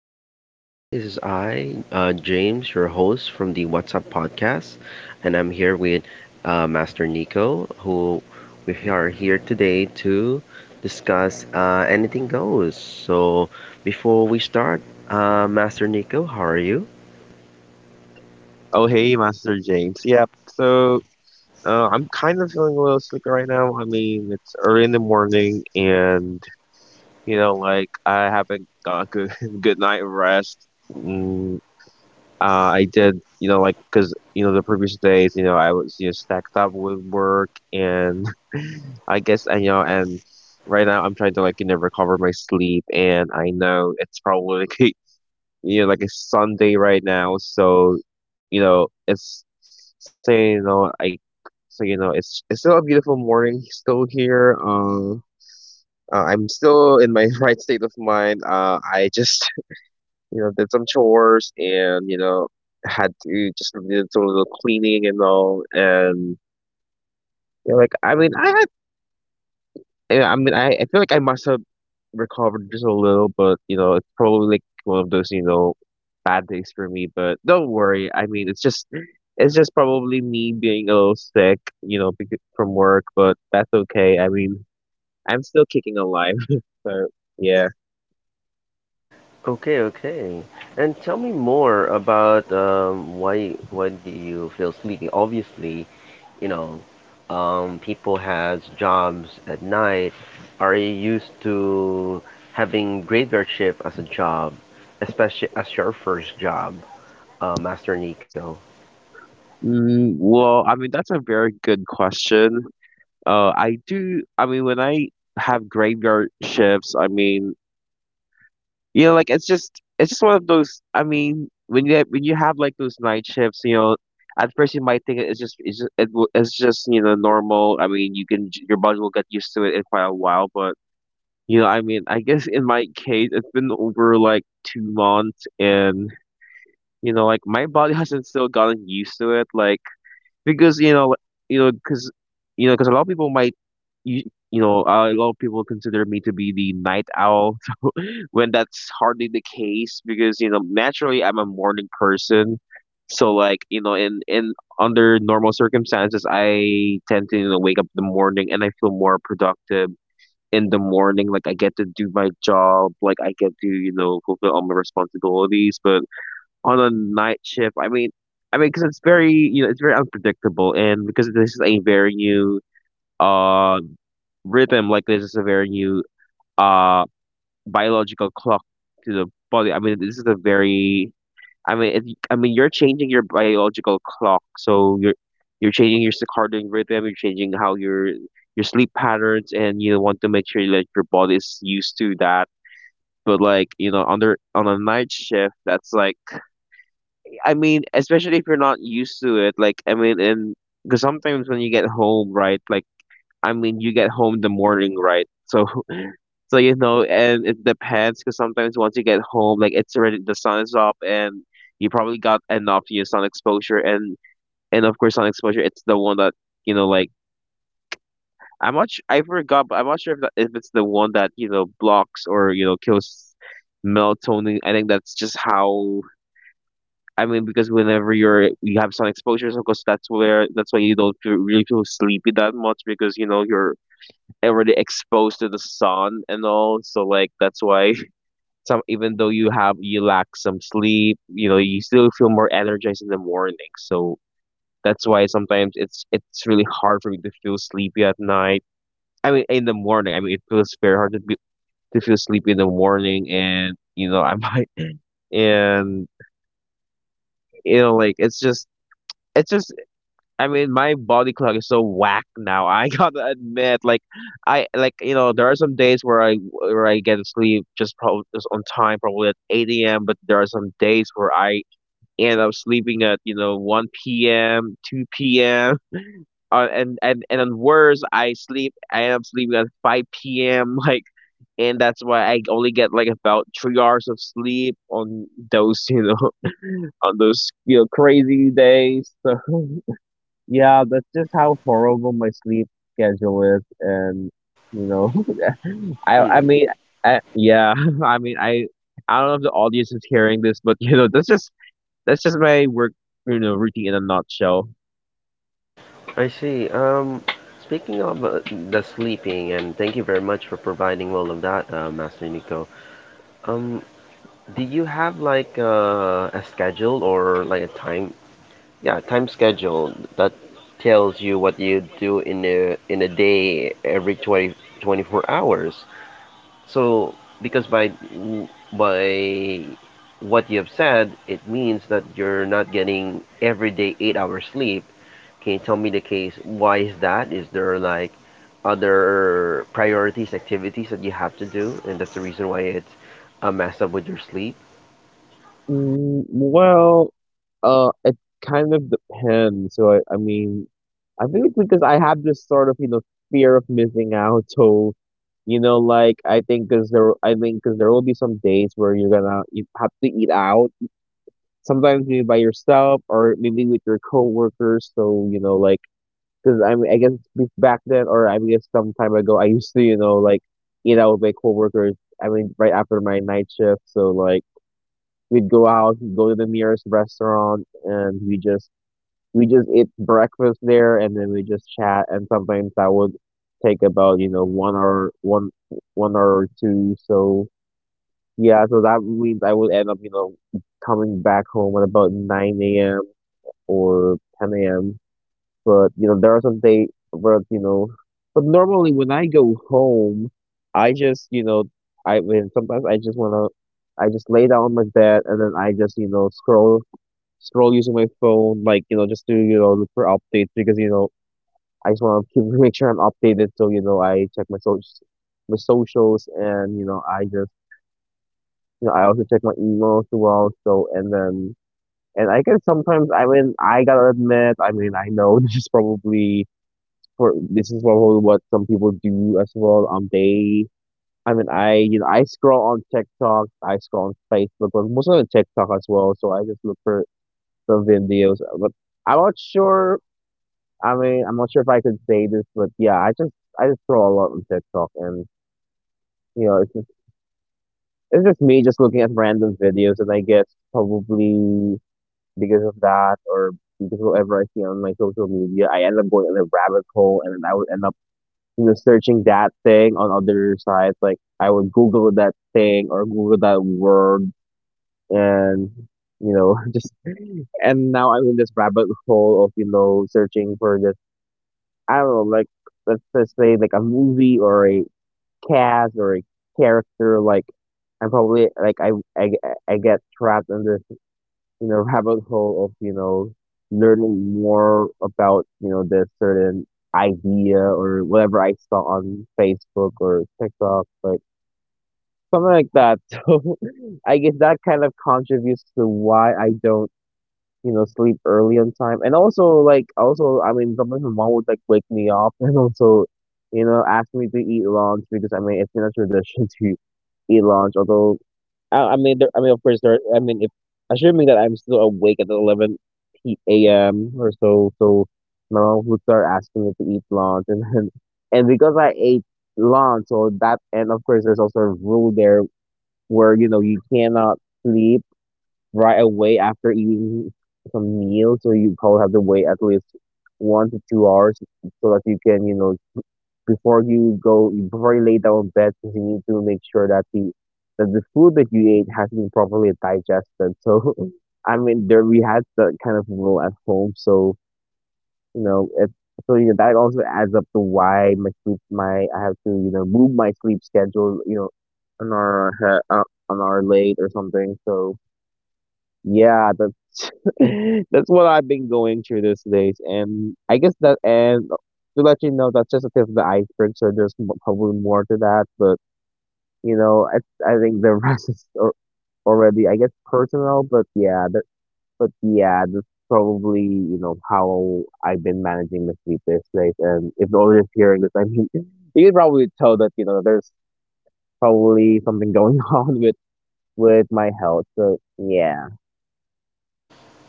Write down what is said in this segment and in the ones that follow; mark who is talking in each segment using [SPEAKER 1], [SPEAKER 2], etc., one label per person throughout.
[SPEAKER 1] ladies and gentlemen. This is I, James, your host from the What's Up podcast, and I'm here with Master Nico, who we are here today to discuss anything goes. So, before we start, Master Nico, how are you?
[SPEAKER 2] Oh, hey, Master James. Yep. So, I'm kind of feeling a little sleepy right now. I mean, it's early in the morning, and like I haven't got a good good night of rest. Mm, I did, like because the previous days, I was stacked up with work, and I guess I. And right now I'm trying to like recover my sleep, and I know it's probably like it's Sunday right now. So it's say I so it's still a beautiful morning still here. I'm still in my right state of mind. I just did some chores and had to just did some little cleaning and all, and like I mean, I had. Yeah, I mean, I feel like I must have recovered just a little, but it's probably like one of those, bad days for me. But don't worry. I mean, it's just probably me being a little sick, from work, but that's okay. I mean, I'm still kicking alive, so yeah.
[SPEAKER 1] Okay, okay. And tell me more about why do you feel sleepy? Obviously, you know, people has jobs at night. Are you used to having graveyard shift as a job, especially as your first job, Master Nico?
[SPEAKER 2] Well, I mean, that's a very good question. I do. I mean, when I have graveyard shifts, I mean, like it's just one of those. I mean, when you have like those night shifts, at first you might think it's just normal. I mean, your body will get used to it in quite a while. But I mean, I guess in my case, it's been over like 2 months, and like my body hasn't still gotten used to it, like because you know, because you know, because a lot of people might you a lot of people consider me to be the night owl when that's hardly the case, because naturally I'm a morning person. So like in under normal circumstances I tend to wake up in the morning and I feel more productive in the morning. Like I get to do my job. Like I get to fulfill all my responsibilities. But on a night shift, I mean. I mean, because it's very, it's very unpredictable, and because this is a very new uh rhythm, like this is a very new uh biological clock to the body. I mean, this is a very. I mean, if, I mean, you're changing your biological clock, so you're changing your circadian rhythm. You're changing how your sleep patterns, and you want to make sure that your body is used to that. But like under on a night shift, that's like. I mean, especially if you're not used to it. Like I mean, and because sometimes when you get home, right? Like I mean, you get home in the morning, right? So and it depends, because sometimes once you get home, like it's already, the sun is up, and you probably got enough, sun exposure. And of course sun exposure, it's the one that like. I forgot, but I'm not sure if that, if it's the one that blocks or kills melatonin. I think that's just how. I mean, because whenever you have sun exposure, so of course that's where that's why you don't really feel sleepy that much, because you're already exposed to the sun and all. So like that's why. Some, even though you lack some sleep, you still feel more energized in the morning. So that's why sometimes it's really hard for me to feel sleepy at night. I mean, in the morning. I mean, it feels very hard to feel sleepy in the morning, and I might and like it's just. It's just, I mean, my body clock is so whack now. I gotta admit, like, I like you know there are some days where I get to sleep just probably just on time, probably at 8 a.m. But there are some days where I, and I was sleeping at 1 p.m., 2 p.m. And on worse, I end up sleeping at 5 p.m. Like, and that's why I only get like about 3 hours of sleep on those on those crazy days. So yeah, that's just how horrible my sleep schedule is, and you know, I
[SPEAKER 1] Hmm,
[SPEAKER 2] I mean, I, yeah, I mean, I don't know if the audience is hearing this, but that's just my work, routine in a nutshell.
[SPEAKER 1] I see. Speaking of the sleeping, and thank you very much for providing all of that, Master Nico. Um, Do you have like a schedule or like a time? Yeah, time schedule that tells you what you do in a day every 20 24 hours. So because by what you have said, it means that you're not getting every day 8 hours sleep. Can you tell me the case? Why is that? Is there like other priorities, activities that you have to do, and that's the reason why it's a mess up with your sleep?
[SPEAKER 2] Well, it kind of depends. So I mean, I think it's because I have this sort of, fear of missing out. So, like I think because there will be some days where you have to eat out. Sometimes maybe by yourself or maybe with your coworkers. So, like, because I mean, I guess back then, or I guess some time ago, I used to, like, eat out with my coworkers. I mean, right after my night shift. So, like, we'd go out, we'd go to the nearest restaurant, and we just eat breakfast there and then we just chat. And sometimes that would take about, 1 hour, one hour or two. So, yeah, so that means I would end up, coming back home at about 9 a.m. or 10 a.m. But there are some days where you know. But normally, when I go home, I just I mean, sometimes I just wanna, I just lay down on my bed, and then I just scroll using my phone, like just to look for updates, because I just wanna keep make sure I'm updated. So I check my socials, and I just I also check my emails as well. So and then, and I guess sometimes, I mean, I gotta admit, I mean, I know this is probably what some people do as well. I mean, I scroll on TikTok, I scroll on Facebook, but mostly on TikTok as well. So I just look for the videos. But I'm not sure. I mean, I'm not sure if I could say this, but yeah, I just scroll a lot on TikTok, and you know, it's just it's just me just looking at random videos, and I guess probably because of that, or because whatever I see on my social media, I end up going in a rabbit hole, and then I would end up, searching that thing on other sites. Like I would Google that thing or Google that word, and just, and now I'm in this rabbit hole of, searching for this. I don't know, like let's just say like a movie or a cast or a character. Like I'm probably like I I get trapped in this, rabbit hole of, learning more about, this certain idea or whatever I saw on Facebook or TikTok, like something like that. So I guess that kind of contributes to why I don't, sleep early on time. And also, like, also, I mean, sometimes my mom would like wake me up, and also, ask me to eat lunch, because I mean, it's been a tradition to eat lunch. Although, I mean, I mean, of course, there. I mean, if assuming that I'm still awake at 11 p.m. or so, so my mom would start asking me to eat lunch, and then, and because I ate lunch, and of course, there's also a rule there, where you cannot sleep right away after eating some meal, so you probably have to wait at least 1 to 2 hours so that you can, before you lay down on bed, you need to make sure that the food that you ate has been properly digested. So, I mean, there we had that kind of rule at home, so you know, it, you know, that also adds up to why my sleep, my I have to, you know, move my sleep schedule, you know, an hour ahe- uh, late or something. So. Yeah, that's that's what I've been going through these days, and I guess that, and to let you know, that's just the tip of the iceberg. So there's probably more to that, but you know, I think the rest is already, I guess, personal. But yeah, that's probably you know how I've been managing the sleep these days. And if the audience hearing this, I mean, you can probably tell that you know there's probably something going on with my health. So yeah,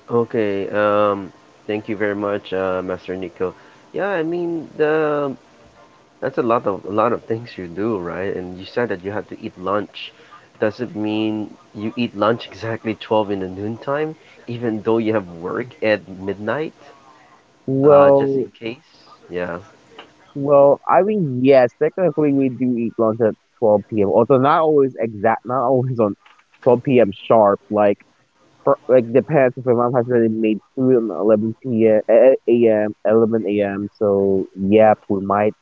[SPEAKER 1] Okay, thank you very much, Master Nico. Yeah, I mean, the that's a lot of things you do, right? And you said that you have to eat lunch. Does it mean you eat lunch exactly 12 in the noontime, even though you have work at midnight, just
[SPEAKER 2] well.
[SPEAKER 1] in case? Yeah.
[SPEAKER 2] Well, I mean, yes, technically we do eat lunch at 12 p.m. Although not always exact, not always on 12 p.m. sharp. Like, like depends if my mom has already made food on 11 p.m. eh, eh, a.m. 11 a.m. So yeah, we might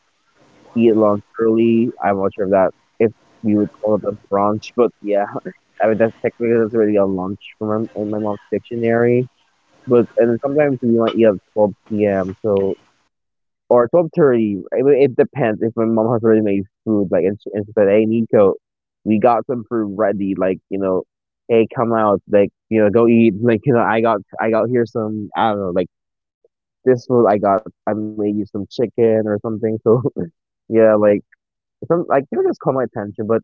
[SPEAKER 2] eat lunch early. I'm not sure if that if we would call it a brunch, but yeah, I mean that's technically that's already a lunch from in my mom's dictionary. But and sometimes we might eat at 12 p.m. So, or 12:30. I mean, it depends if my mom has already made food. Like, and she said, "Hey, Nico, we got some food ready. Like, you know, hey, come out. Like, you know, go eat. Like, you know, I got here some. I don't know. Like, this food I got. I made you some chicken or something. So, yeah, like." Some, like, you know, just caught my attention. But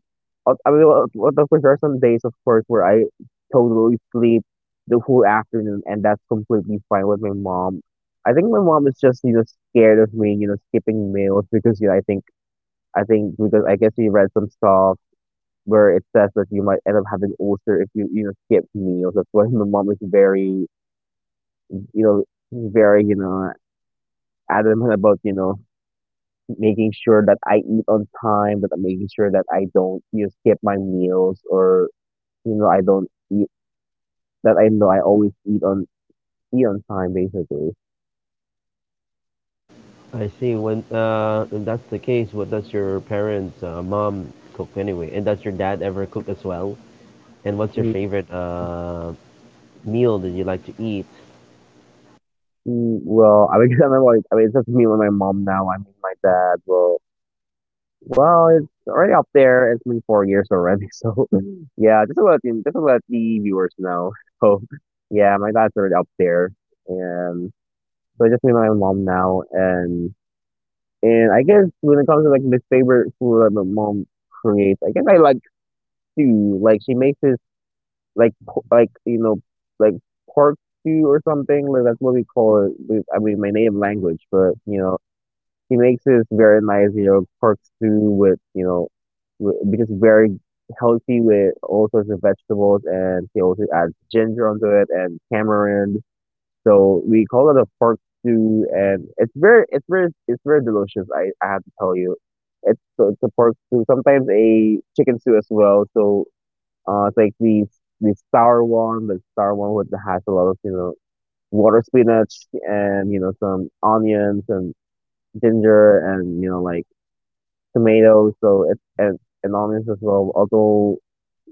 [SPEAKER 2] I mean, well, what of course there are some days, of course, where I totally sleep the whole afternoon, and that's completely fine with my mom. I think my mom is just you know scared of me, you know, skipping meals because you know I think because I guess we read some stuff where it says that you might end up having ulcer if you you know skip meals. That's why my mom is very, you know, very, you know, adamant about, you know, making sure that I eat on time, that I'm making sure that I don't, you know, skip my meals or, you know, I don't eat, that I know I always eat on time basically.
[SPEAKER 1] I see. When if that's the case, what does your parents, mom cook anyway? And does your dad ever cook as well? And what's your
[SPEAKER 2] Mm,
[SPEAKER 1] favorite meal that you like to eat?
[SPEAKER 2] well, I mean, I remember, like, I mean, it's just me with my mom now. I mean, my dad, well, it's already up there. It's been 4 years already. So yeah, just about, just about the viewers now. So yeah, my dad's already up there, and so it's just me and my mom now. And I guess when it comes to like the favorite food that my mom creates, I guess I like stew. Like she makes this like like you know like pork stew or something. Like that's what we call it. I mean, my native language, but you know she makes this very nice you know pork stew with you know which is very healthy with all sorts of vegetables, and she also adds ginger onto it and tamarind, so we call it a pork stew, and it's very delicious. I have to tell you, it's a pork stew. Sometimes a chicken stew as well. So it's like the sour one, the sour one with the has a lot of you know water spinach and you know some onions and ginger and you know like tomatoes. So it's and onions as well. Although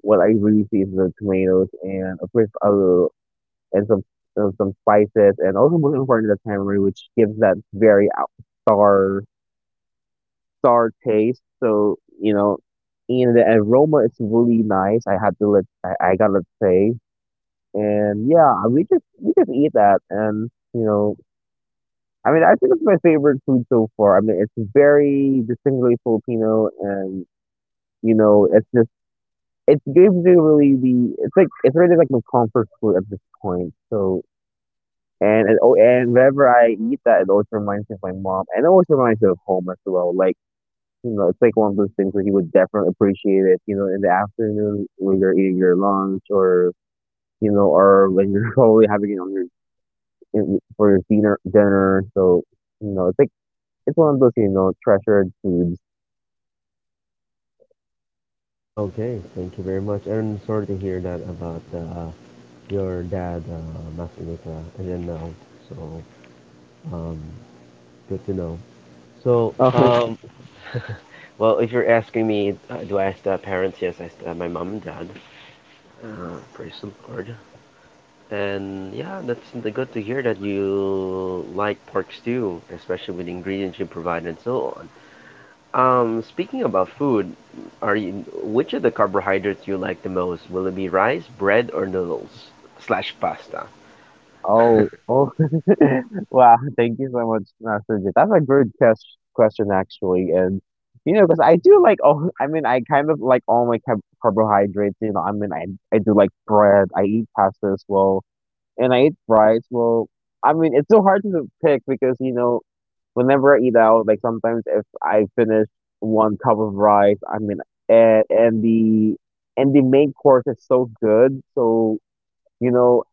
[SPEAKER 2] what I really see is the tomatoes and of course a and some and some spices, and also most important the tamarind, which gives that very sour sour taste. So you know, and the aroma is really nice. I had to let I gotta say, and yeah, we just eat that, and you know, I mean, I think it's my favorite food so far. I mean, it's very distinctly Filipino, and you know, it's just it gives you really the it's like it's really like my comfort food at this point. So, oh, and whenever I eat that, it always reminds me of my mom, and it always reminds me of home as well. Like you know, it's like one of those things where he would definitely appreciate it. You know, in the afternoon when you're eating your lunch, or you know, or when you're probably having it for your dinner. So you know, it's like it's one of those you know treasured foods.
[SPEAKER 1] Okay, thank you very much. And sorry to hear that about your dad, Masanika, and then now. So, um, good to know. So, well, if you're asking me, do I still have parents? Yes, I still have my mom and dad. Praise the Lord. And yeah, that's good to hear that you like pork stew, especially with the ingredients you provided and so on. Speaking about food, are you which of the carbohydrates you like the most? Will it be rice, bread, or noodles slash pasta?
[SPEAKER 2] Oh, oh, wow. Thank you so much, Master Jay. That's a good question, actually. And, you know, because I do like, oh, I mean, I kind of like all my carbohydrates, you know, I mean, I do like bread, I eat pasta as well, and I eat fries. Well, I mean, it's so hard to pick because, you know, whenever I eat out, like sometimes if I finish one cup of rice, I mean, and, and the, and the main course is so good. So, you know,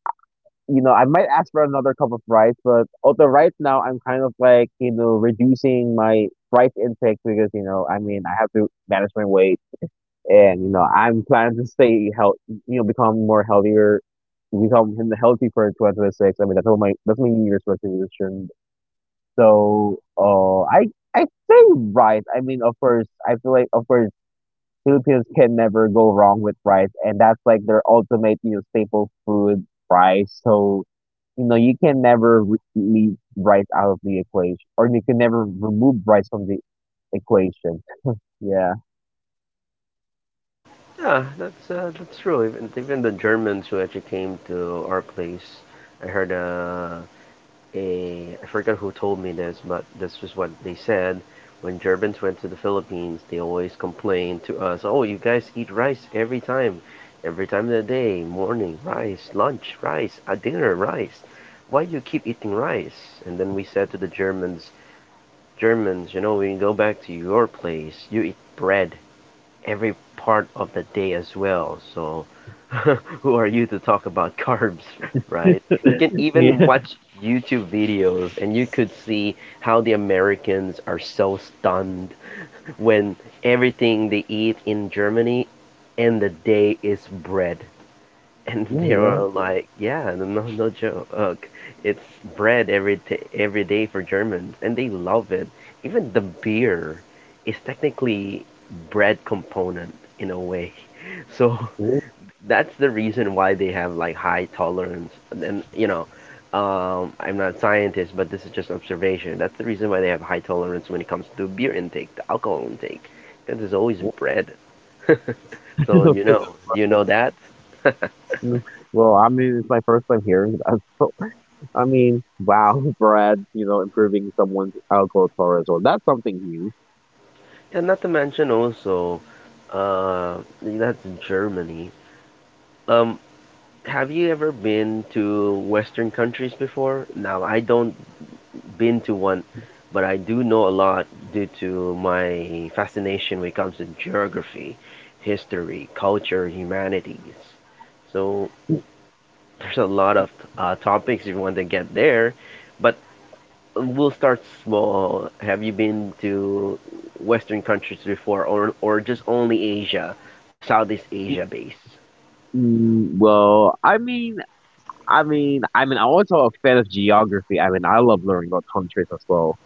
[SPEAKER 2] I might ask for another cup of rice, but although right now I'm kind of like, you know, reducing my rice intake because, you know, I mean, I have to manage my weight and, you know, I'm planning to stay healthy, you know, become more healthier, become healthy for 2026. I mean, that's my New Year's resolution. So, I say rice. I mean, of course, I feel like, of course, Philippines can never go wrong with rice, and that's like their ultimate, you know, staple food, rice. So, you know, you can never leave rice out of the equation, or you can never remove rice from the equation. Yeah.
[SPEAKER 1] Yeah, that's true. Even the Germans who actually came to our place, I heard a I forgot who told me this, but this was what they said. When Germans went to the Philippines, they always complained to us, "Oh, you guys eat rice every time of the day, morning rice, lunch rice, at dinner rice. Why do you keep eating rice?" And then we said to the Germans, "Germans, you know, when you go back to your place, you eat bread every part of the day as well. So, who are you to talk about carbs, right? You can even watch YouTube videos and you could see how the Americans are so stunned when everything they eat in Germany and the day is bread, and
[SPEAKER 2] Yeah. Oh,
[SPEAKER 1] they
[SPEAKER 2] yeah.
[SPEAKER 1] were like, "Yeah, no, no, no joke. It's bread every every day for Germans, and they love it. Even the beer is technically bread component in a way. So
[SPEAKER 2] Ooh,
[SPEAKER 1] that's the reason why they have like high tolerance. And you know, I'm not a scientist, but this is just observation. That's the reason why they have high tolerance when it comes to beer intake, the alcohol intake, because there's always
[SPEAKER 2] ooh.
[SPEAKER 1] bread. so you
[SPEAKER 2] Because
[SPEAKER 1] know,
[SPEAKER 2] of
[SPEAKER 1] do you
[SPEAKER 2] bread.
[SPEAKER 1] know that?
[SPEAKER 2] Mm. Well, I mean, it's my first time hearing that. So, I mean, wow, bread, you know, improving someone's alcohol tourism. That's something new.
[SPEAKER 1] And not to mention also, uh, that's Germany. Um, have you ever been to Western countries before? Now, I don't been to one, but I do know a lot due to my fascination when it comes to geography, history, culture, humanities. So there's a lot of topics if you want to get there, but we'll start small. Have you been to Western countries before, or just only Asia, Southeast Asia based?
[SPEAKER 2] Well, I mean, I'm also a fan of geography. I mean, I love learning about countries as well,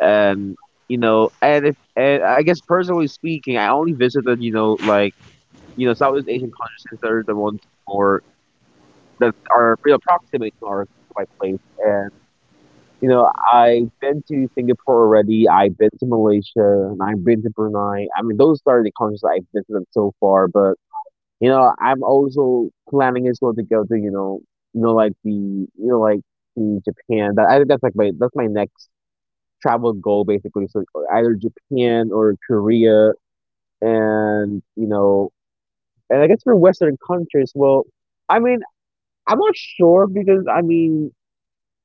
[SPEAKER 2] and you know, and if and I guess personally speaking, I only visited you know like you know Southeast Asian countries since they're the ones more that are pretty approximate to our to my place, and you know, I've been to Singapore already. I've been to Malaysia, and I've been to Brunei. I mean, those are the countries that I've visited so far, but you know, I'm also planning as well to go to, you know, like the, you know, like to Japan. That I think that's my next travel goal basically. So either Japan or Korea, and you know, and I guess for Western countries, well, I mean, I'm not sure because I mean,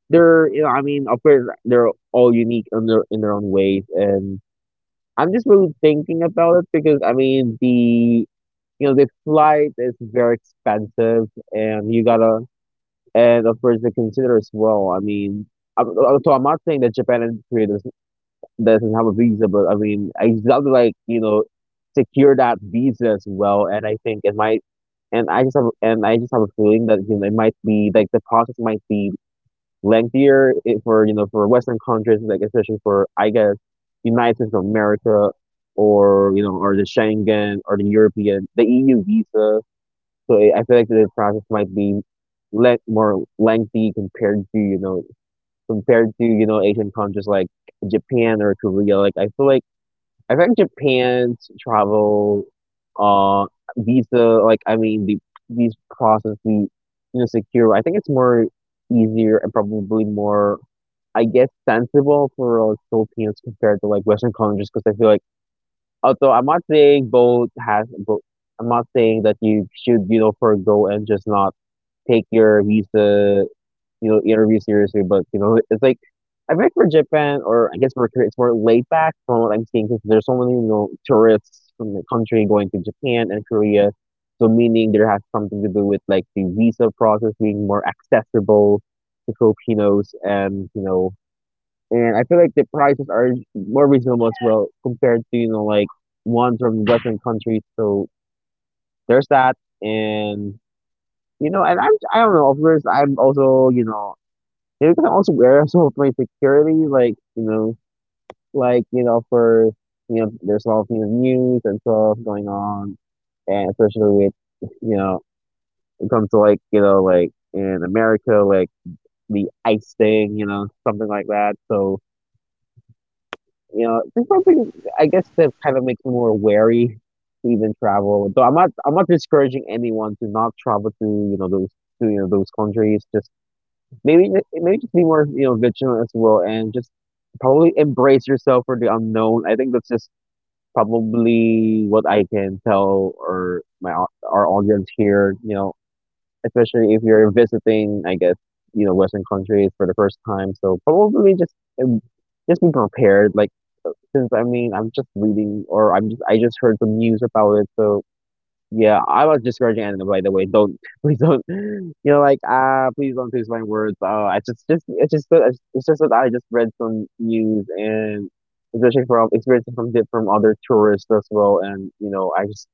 [SPEAKER 2] they're you know, I mean, of course, they're all unique in their own ways, and I'm just really thinking about it because I mean the you know the flight is very expensive and you gotta and of course they consider as well. I mean, so I'm not saying that Japan and Korea doesn't have a visa, but I mean I just have to like you know secure that visa as well. And I think it might and I just have a feeling that you know it might be like the process might be lengthier it- for you know for Western countries, like especially for I guess United States of America or the Schengen or the EU visa. So I feel like the process might be more lengthy compared to you know Asian countries like Japan or Korea. Like I feel like Japan's travel uh visa, like I mean these process the you know secure. I think it's more easier and probably more I guess sensible for Philippines compared to like Western countries because I feel like although I'm not saying both has both I'm not saying that you should you know forego and just not take your visa you know interview seriously but you know it's like I think for Japan or I guess for Korea it's more laid back from what I'm seeing because there's so many you know tourists from the country going to Japan and Korea, so meaning there has something to do with like the visa process being more accessible to Filipinos, and you know, and I feel like the prices are more reasonable as well compared to you know like ones from Western countries. So there's that, and you know, and I don't know. Of course, I'm also maybe because I'm also aware also of my security, like, you know, like you know for you know there's a lot of, news and stuff going on, and especially with, you know it comes to, like, like in America, like the ICE thing, something like that. So, there's something, I guess, that kind of makes me more wary to even travel. Though I'm not discouraging anyone to not travel to, those countries. Just maybe just be more, vigilant as well, and just probably embrace yourself for the unknown. I think that's just probably what I can tell, or our audience here, especially if you're visiting, I guess, Western countries for the first time. So probably just, em- just be prepared. Like, since, I mean, I'm just reading, or I just heard some news about it. So, yeah, I was discouraging anime. By the way, don't, please don't. Like, please don't twist my words. I just it's just that I just read some news, and especially from experiences from from other tourists as well. And, I just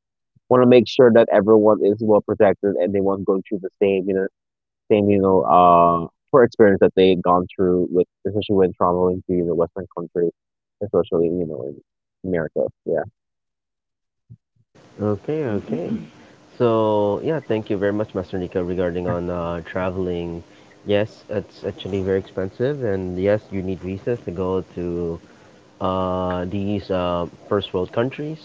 [SPEAKER 2] want to make sure that everyone is well protected, and they won't go through the same, you know, poor experience that they gone through with, especially when traveling to, Western countries, especially, in America. Yeah.
[SPEAKER 1] Okay, okay. So yeah, thank you very much, Master Nico, regarding on traveling. Yes, it's actually very expensive, and yes, you need visas to go to these first world countries.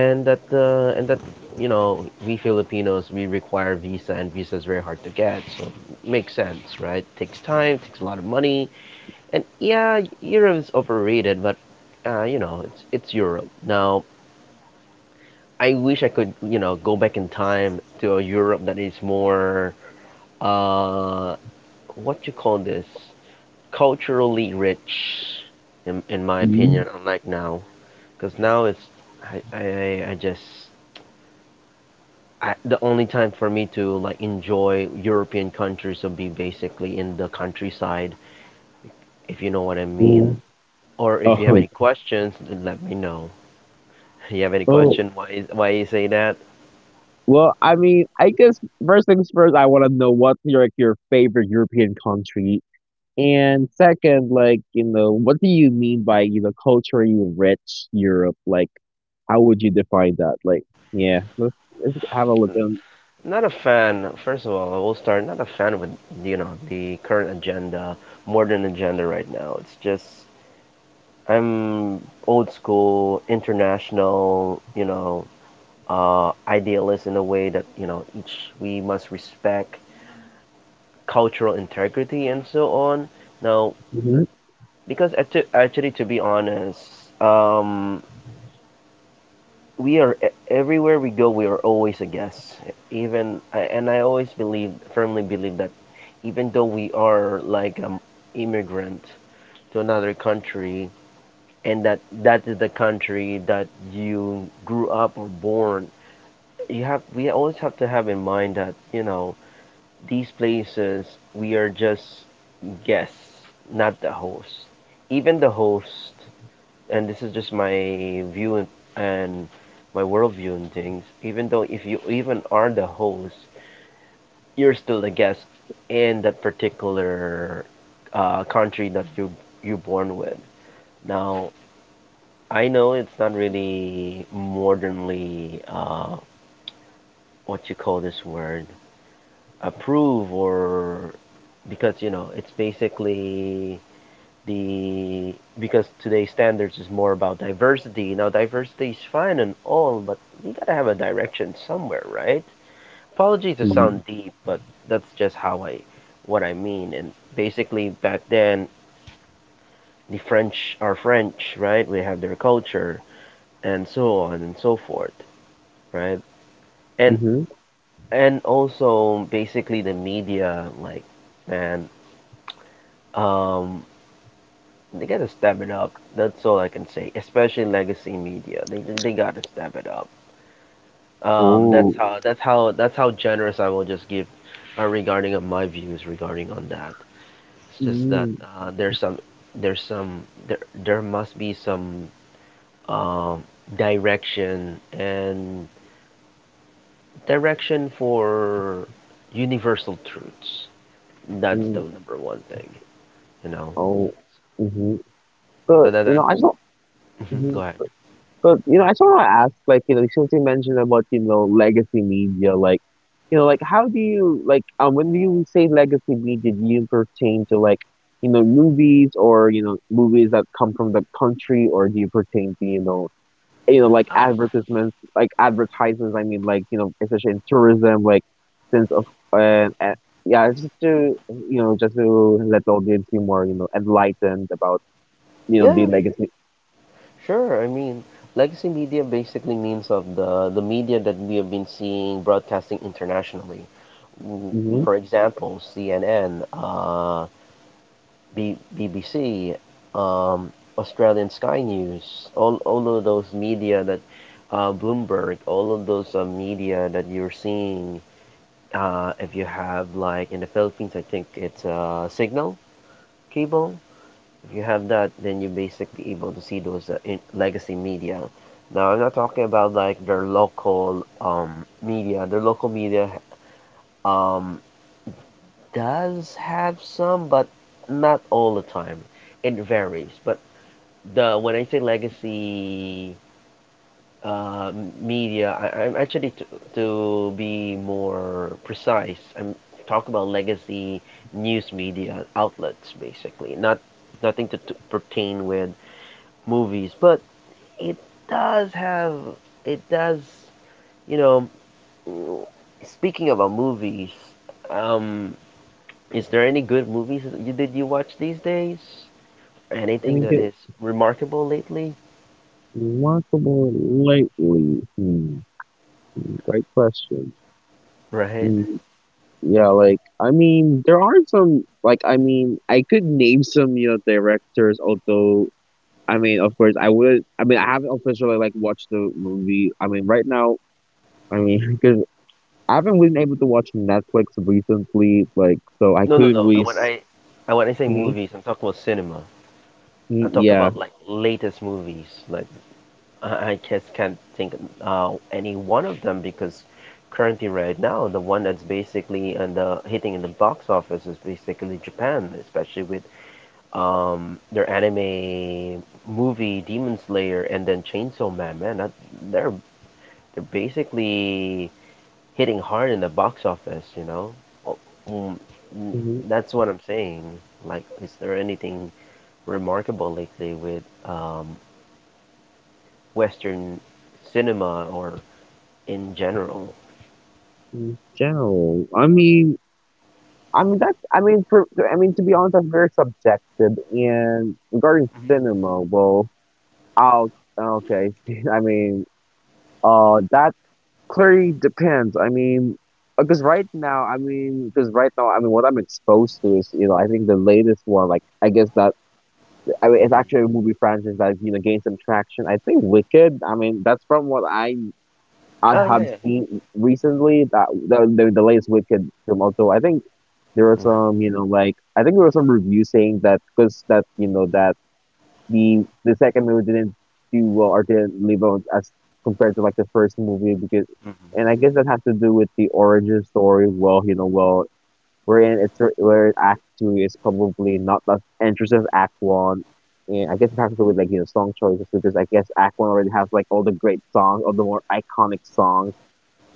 [SPEAKER 1] And that you know we Filipinos, we require visa and visa is very hard to get, so it makes sense, right? Takes time, takes a lot of money. And yeah, Europe is overrated, but you know it's Europe now. I wish I could you know go back in time to a Europe that is more uh what you call this, culturally rich, in my
[SPEAKER 2] Mhm.
[SPEAKER 1] opinion, unlike now, because now it's I, I I just the only time for me to like enjoy European countries would be basically in the countryside, if you know what I
[SPEAKER 2] Yeah.
[SPEAKER 1] mean. Or
[SPEAKER 2] Oh.
[SPEAKER 1] if you have any questions, then let me know. You have any
[SPEAKER 2] Oh.
[SPEAKER 1] question? Why you say that?
[SPEAKER 2] Well, I mean, I guess first things first, I want to know what's your favorite European country, and second, like, what do you mean by, culturally rich Europe? Like, how would you define that? Like, yeah, let's, have a look at.
[SPEAKER 1] Not a fan. First of all, I will start. Not a fan with you know the current agenda, modern agenda right now. It's just I'm old school, international. You know, idealist in a way that you know each we must respect cultural integrity and so on. Now,
[SPEAKER 2] Mm-hmm.
[SPEAKER 1] because actually, to be honest, um, we are everywhere we go, we are always a guest. Even and I always believe, firmly believe that even though we are like an immigrant to another country, and that that is the country that you grew up or born, you have we always have to have in mind that you know these places we are just guests, not the host. Even the host, and this is just my view and my worldview and things. Even though if you even are the host, you're still a guest in that particular country that you are born with. Now I know it's not really modernly what you call this word, approve or, because you know it's basically the because today's standards is more about diversity. Now diversity is fine and all, but you gotta have a direction somewhere, right? Apologies to sound deep, but that's just how I what I mean. And basically back then the French are French, right? We have their culture and so on and so forth, right? And
[SPEAKER 2] Mm-hmm.
[SPEAKER 1] and also basically the media, like man, um, they gotta step it up. That's all I can say. Especially legacy media, they gotta step it up. That's
[SPEAKER 2] Oh.
[SPEAKER 1] how generous I will just give regarding of my views regarding on that. It's just that uh, there's some there's some there there must be some um, direction and direction for universal truths. That's the
[SPEAKER 2] Mm.
[SPEAKER 1] number one thing, you know.
[SPEAKER 2] Oh. Mhm. So,
[SPEAKER 1] So that, that
[SPEAKER 2] I just want. Mhm.
[SPEAKER 1] go ahead.
[SPEAKER 2] So, I just want to ask, like, since you mentioned about, legacy media, like, like, how do you, like, when you say legacy media, do you pertain to, like, movies, or, movies that come from the country, or do you pertain to, like
[SPEAKER 1] Uh,
[SPEAKER 2] advertisements, I mean, like, especially in tourism, like, since of, and yeah, it's just to, just to let the audience be more, enlightened about.
[SPEAKER 1] yeah,
[SPEAKER 2] The
[SPEAKER 1] sure.
[SPEAKER 2] legacy.
[SPEAKER 1] Sure. I mean, legacy media basically means of the media that we have been seeing broadcasting internationally. W-
[SPEAKER 2] Hmm.
[SPEAKER 1] For example, CNN, BBC, Australian Sky News, all of those media that Bloomberg, all of those media that you're seeing. If you have like in the Philippines, I think it's Signal cable. If you have that, then you're basically able to see those in legacy media. Now, I'm not talking about like their local media. Their local media um, does have some, but not all the time. It varies. But the when I say legacy uh, media, I'm actually to be more precise, I'm talking about legacy news media outlets, basically. Not nothing to, to pertain with movies, but it does have it does you know, speaking about movies, um is there any good movies that you watch these days,
[SPEAKER 2] And
[SPEAKER 1] anything
[SPEAKER 2] it
[SPEAKER 1] that
[SPEAKER 2] get
[SPEAKER 1] is remarkable lately,
[SPEAKER 2] remarkable lately. Hmm. Great question.
[SPEAKER 1] right?
[SPEAKER 2] Mm. Yeah, like, I mean, there are some, like, I mean, I could name some, directors. Although, I mean, of course, I would. I mean, I haven't officially, like, watched the movie. I mean, right now, I mean, because I haven't been able to watch Netflix recently, like, so I
[SPEAKER 1] No, no,
[SPEAKER 2] couldn't
[SPEAKER 1] no,
[SPEAKER 2] really.
[SPEAKER 1] when I say
[SPEAKER 2] Mhm.
[SPEAKER 1] movies I'm talking about cinema,
[SPEAKER 2] Mm.
[SPEAKER 1] I'm talking
[SPEAKER 2] Yeah.
[SPEAKER 1] about like latest movies, like I just can't think any one of them because currently right now the one that's basically and the hitting in the box office is basically japan, especially with their anime movie Demon Slayer and then Chainsaw Man. Man, that, they're they're basically hitting hard in the box office. You know, oh, mm, mm,
[SPEAKER 2] Mm-hmm.
[SPEAKER 1] that's what I'm saying. Like, is there anything remarkable lately with Western cinema or in general?
[SPEAKER 2] Mm-hmm. General. I mean that's I mean for I mean to be honest, that's very subjective, and regarding cinema, well, I'll, okay, I mean, that clearly depends. I mean, because right now I mean, because right now I mean, what I'm exposed to is, I think the latest one, like, I guess that, I mean, it's
[SPEAKER 1] Hmm.
[SPEAKER 2] actually a movie franchise that, gained some traction. I think Wicked. I mean, that's from what I
[SPEAKER 1] Oh yeah,
[SPEAKER 2] have
[SPEAKER 1] yeah.
[SPEAKER 2] seen recently, that the latest Wicked film, also, I think there was
[SPEAKER 1] Hmm.
[SPEAKER 2] some, like, I think there was some review saying that, because, that, that the second movie didn't do well or didn't live on as compared to like the first movie, because, and I guess that has to do with the origin story. Well, well, wherein it's where Act Two is probably not as interesting as Act One, and I guess it has to do with, like, song choices, because I guess Act One already has, like, all the great songs, all the more iconic songs.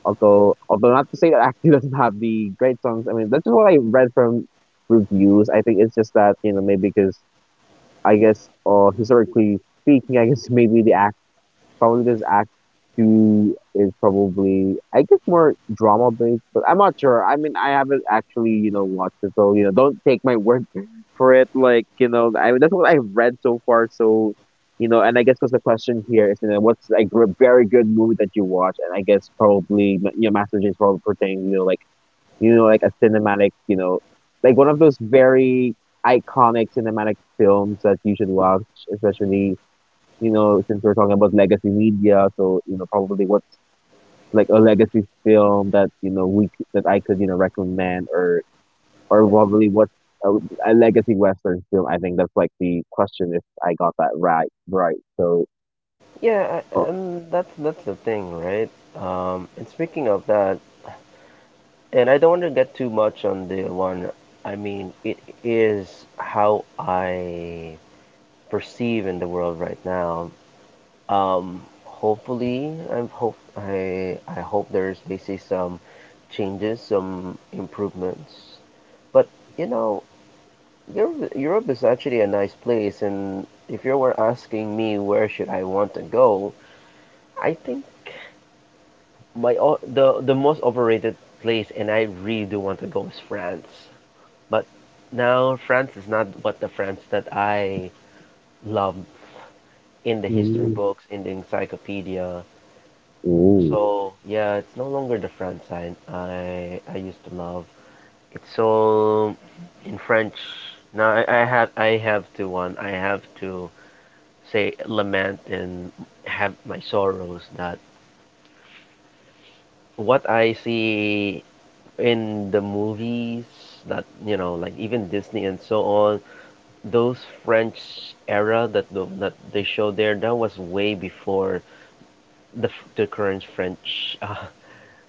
[SPEAKER 2] Although, not to say that Acme doesn't have the great songs. I mean, that's just what I read from reviews. I think it's just that, maybe, because I guess, historically speaking, I guess, maybe the. Probably, this act two is probably, I guess, more drama based, but I'm not sure. I mean, I haven't actually, watched it, so, don't take my word for it. Like, I that's what I've read so far. So, and I guess because the question here is, what's, like, a very good movie that you watch? And I guess probably, Master Jay is probably pertaining, like, like a cinematic, like one of those very iconic cinematic films that you should watch, especially, since we're talking about legacy media, so, probably what's like a legacy film that, that I could, recommend, or probably what, a, a legacy western film. I think that's like the question, if I got that right. Right. So.
[SPEAKER 1] Yeah,
[SPEAKER 2] uh,
[SPEAKER 1] that's the thing, right? And speaking of that, and I don't want to get too much on the one. I mean, it is how I perceive in the world right now. Hopefully, I'm hope I hope there's basically some changes, some improvements. But you know, Europe, Europe is actually a nice place, and if you were asking me where should I want to go, I think the most overrated place, and I really do want to go is France. But now France is not what the France that I loved in the history
[SPEAKER 2] mm.
[SPEAKER 1] books, in the encyclopedia.
[SPEAKER 2] Ooh.
[SPEAKER 1] So yeah, it's no longer the France I used to love. It's all in French. Now I have to one I have to say lament and have my sorrows that what I see in the movies that, you know, like even Disney and so on, those French era that that they show there, that was way before the the current French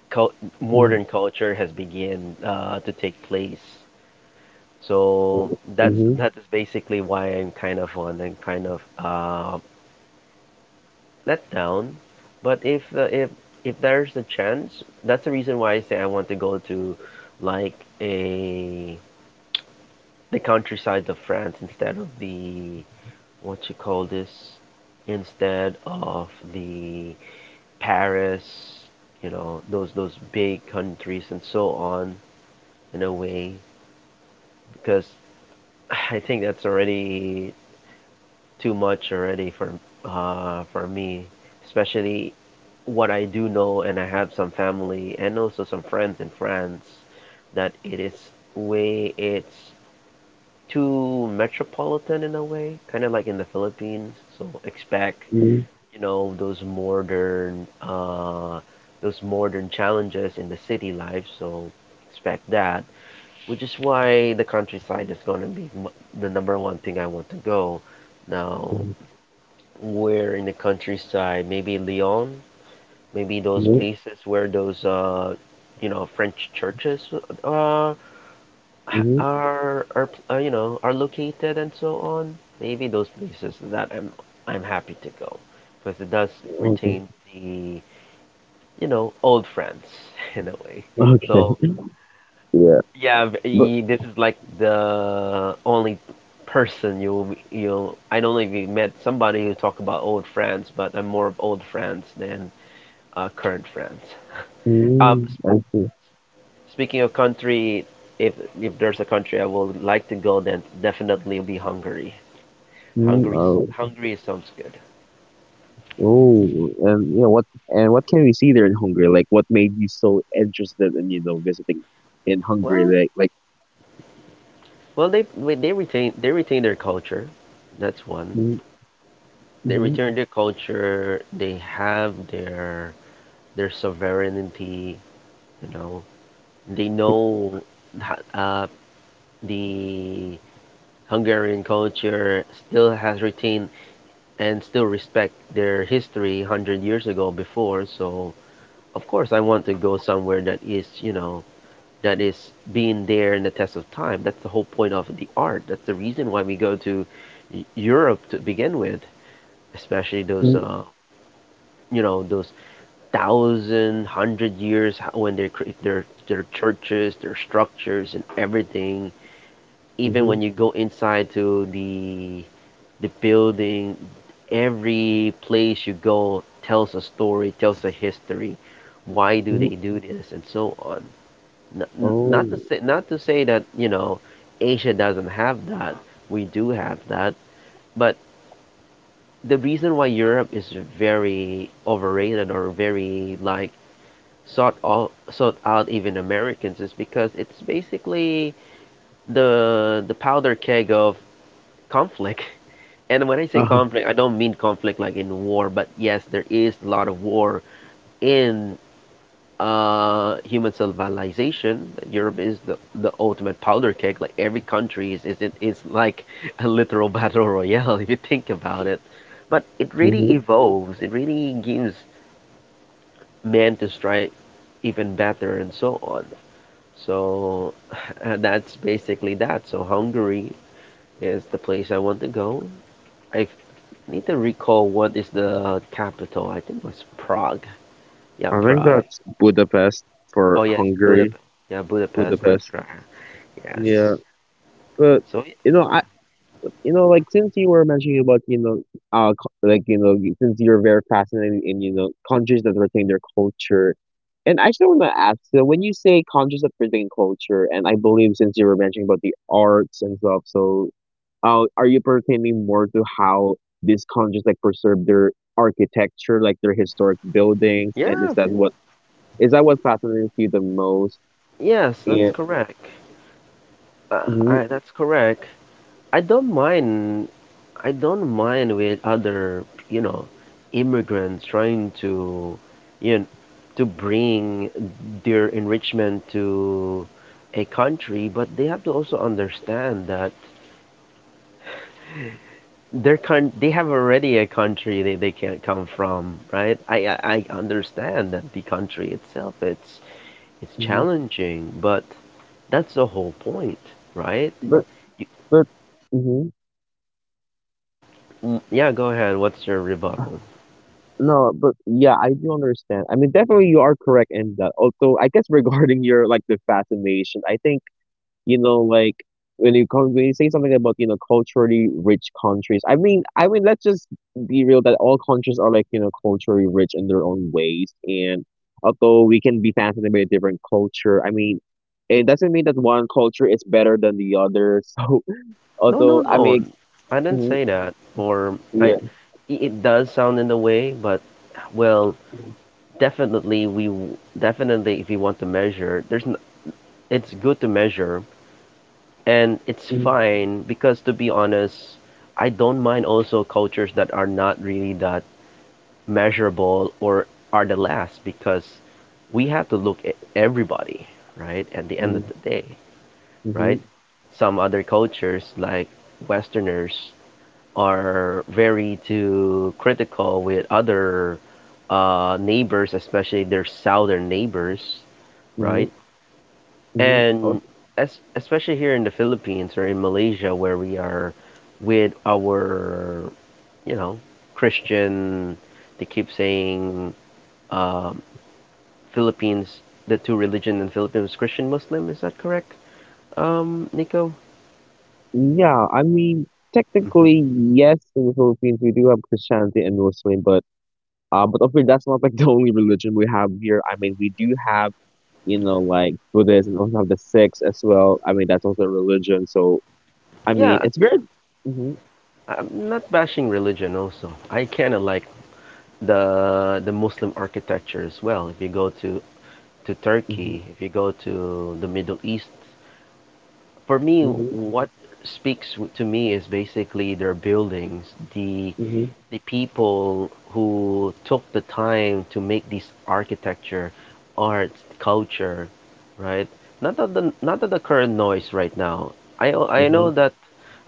[SPEAKER 1] cul-
[SPEAKER 2] Mm.
[SPEAKER 1] modern culture has begun to take place. So that's
[SPEAKER 2] Mhm.
[SPEAKER 1] that is basically why I'm kind of on and kind of let down. But if there's a chance, that's the reason why I say I want to go to like a the countryside of France instead of the, what you call this, instead of the Paris, you know, those big countries and so on, in a way, because I think that's already too much already for, for me, especially what I do know, and I have some family and also some friends in France, that it is way it's too metropolitan in a way, kind of like in the Philippines. So expect,
[SPEAKER 2] Mm.
[SPEAKER 1] you know, those modern challenges in the city life, so expect that, which is why the countryside is going to be the number one thing I want to go now,
[SPEAKER 2] Mm.
[SPEAKER 1] where in the countryside, maybe Lyon, maybe those
[SPEAKER 2] Mm.
[SPEAKER 1] places where those, you know, French churches, uh,
[SPEAKER 2] Mhm.
[SPEAKER 1] are you know, are located and so on. Maybe those places that I'm happy to go because it does
[SPEAKER 2] Okay,
[SPEAKER 1] retain the, you know, old friends in a way. So
[SPEAKER 2] okay. Yeah,
[SPEAKER 1] yeah,
[SPEAKER 2] but.
[SPEAKER 1] this is like the only person you you. I don't know if you met somebody who talk about old friends, but I'm more of old friends than current friends. Um,
[SPEAKER 2] Mm.
[SPEAKER 1] s-
[SPEAKER 2] I see.
[SPEAKER 1] Speaking of country, if if there's a country I would like to go, then definitely be Hungary.
[SPEAKER 2] Mm.
[SPEAKER 1] Hungary,
[SPEAKER 2] Oh.
[SPEAKER 1] Hungary sounds good.
[SPEAKER 2] Oh, and you know what? And what can we see there in Hungary? Like, what made you so interested in, visiting in Hungary?
[SPEAKER 1] Well,
[SPEAKER 2] Like. Like.
[SPEAKER 1] well, they they retain their culture. That's one.
[SPEAKER 2] Mm.
[SPEAKER 1] They
[SPEAKER 2] Mhm.
[SPEAKER 1] return their culture. They have their sovereignty. You know, they know that the Hungarian culture still has retained and still respect their history 100 years ago before. So of course, I want to go somewhere that is, you know, that is being there in the test of time. That's the whole point of the art. That's the reason why we go to Europe to begin with, especially those
[SPEAKER 2] Mm.
[SPEAKER 1] you know, those thousand, hundred years when they create their churches, their structures, and everything. Even
[SPEAKER 2] Mhm.
[SPEAKER 1] when you go inside to the building, every place you go tells a story, tells a history. Why do they
[SPEAKER 2] Mm.
[SPEAKER 1] do this, and so on. N- n- Not to
[SPEAKER 2] Oh.
[SPEAKER 1] say not to say that, you know, Asia doesn't have that. We do have that, but the reason why Europe is very overrated or very like sought out even Americans is because it's basically the powder keg of conflict. And when I say
[SPEAKER 2] Uh,
[SPEAKER 1] conflict, I don't mean conflict like in war, but yes, there is a lot of war in human civilization. Europe is the ultimate powder keg. Like every country is, it is like a literal battle royale if you think about it. But it really
[SPEAKER 2] hmm.
[SPEAKER 1] evolves. It really gives man to strive even better and so on. So that's basically that. So Hungary is the place I want to go. I need to recall what is the capital. I think it was Prague. Yeah,
[SPEAKER 2] I think
[SPEAKER 1] Prague.
[SPEAKER 2] that's Budapest for
[SPEAKER 1] Oh yes,
[SPEAKER 2] Hungary.
[SPEAKER 1] Budapest. Yeah, Budapest.
[SPEAKER 2] Budapest.
[SPEAKER 1] That's right.
[SPEAKER 2] Yeah,
[SPEAKER 1] Yes.
[SPEAKER 2] but,
[SPEAKER 1] So
[SPEAKER 2] I. Like, since you were mentioning about, like, since you're very fascinated in, countries that retain their culture, and I actually want to ask, so when you say countries that retain culture, and I believe since you were mentioning about the arts and stuff, so, are you pertaining more to how these countries, like, preserve their architecture, like, their historic buildings, and
[SPEAKER 1] yeah,
[SPEAKER 2] is that what fascinates you the most?
[SPEAKER 1] yes, that's
[SPEAKER 2] And.
[SPEAKER 1] correct.
[SPEAKER 2] Mhm.
[SPEAKER 1] That's correct. I don't mind. I don't mind with other, you know, immigrants trying to, you know, to bring their enrichment to a country, but they have to also understand that their coun they have already a country they, can't come from, right? I understand that the country itself it's
[SPEAKER 2] Mhm.
[SPEAKER 1] challenging, but that's the whole point, right?
[SPEAKER 2] But. but. Mhm.
[SPEAKER 1] Mm, yeah, go ahead. What's your rebuttal?
[SPEAKER 2] No, but yeah, I do understand. I mean, definitely you are correct in that. Although, I guess, regarding your, like, the fascination, I think, like, when you say something about, culturally rich countries, I mean, let's just be real that all countries are, like, culturally rich in their own ways. And although we can be fascinated by a different culture, I mean, it doesn't mean that one culture is better than the other. So,
[SPEAKER 1] No, no,
[SPEAKER 2] although, I
[SPEAKER 1] no.
[SPEAKER 2] mean.
[SPEAKER 1] I didn't
[SPEAKER 2] Mhm.
[SPEAKER 1] say that.
[SPEAKER 2] Yeah.
[SPEAKER 1] It does sound in the way, but well, definitely definitely if you want to measure, it's good to measure, and it's
[SPEAKER 2] Mm.
[SPEAKER 1] fine because, to be honest, I don't mind also cultures that are not really that measurable or are the last because we have to look at everybody, right? At the end of
[SPEAKER 2] Mm.
[SPEAKER 1] the day,
[SPEAKER 2] Mm-hmm.
[SPEAKER 1] right? Some other cultures like Westerners are very too critical with other neighbors, especially their southern neighbors,
[SPEAKER 2] Mm-hmm.
[SPEAKER 1] right?
[SPEAKER 2] Mm-hmm.
[SPEAKER 1] And especially here in the Philippines or in Malaysia, where we are with our, you know, Christian, they keep saying um, Philippines, the two religion in Philippines, Christian Muslim, is that correct, Nico?
[SPEAKER 2] Yeah, I mean,
[SPEAKER 1] Hmm.
[SPEAKER 2] technically, yes, in the Philippines we do have Christianity and Muslim, but, but of course that's not, like, the only religion we have here. I mean, we do have, like, Buddhism. We also have the Sikhs as well. I mean, that's also a religion. So, I mean,
[SPEAKER 1] Yeah,
[SPEAKER 2] it's very. Mm-hmm.
[SPEAKER 1] I'm not bashing religion also. I kind of like the Muslim architecture as well. If you go to
[SPEAKER 2] Mm-hmm.
[SPEAKER 1] Turkey, if you go to the Middle East, for me,
[SPEAKER 2] Mm-hmm.
[SPEAKER 1] what speaks to me is basically their buildings, the the people who took the time to make this architecture, arts, culture, right? Not that the current noise right now. I know
[SPEAKER 2] Mm-hmm.
[SPEAKER 1] that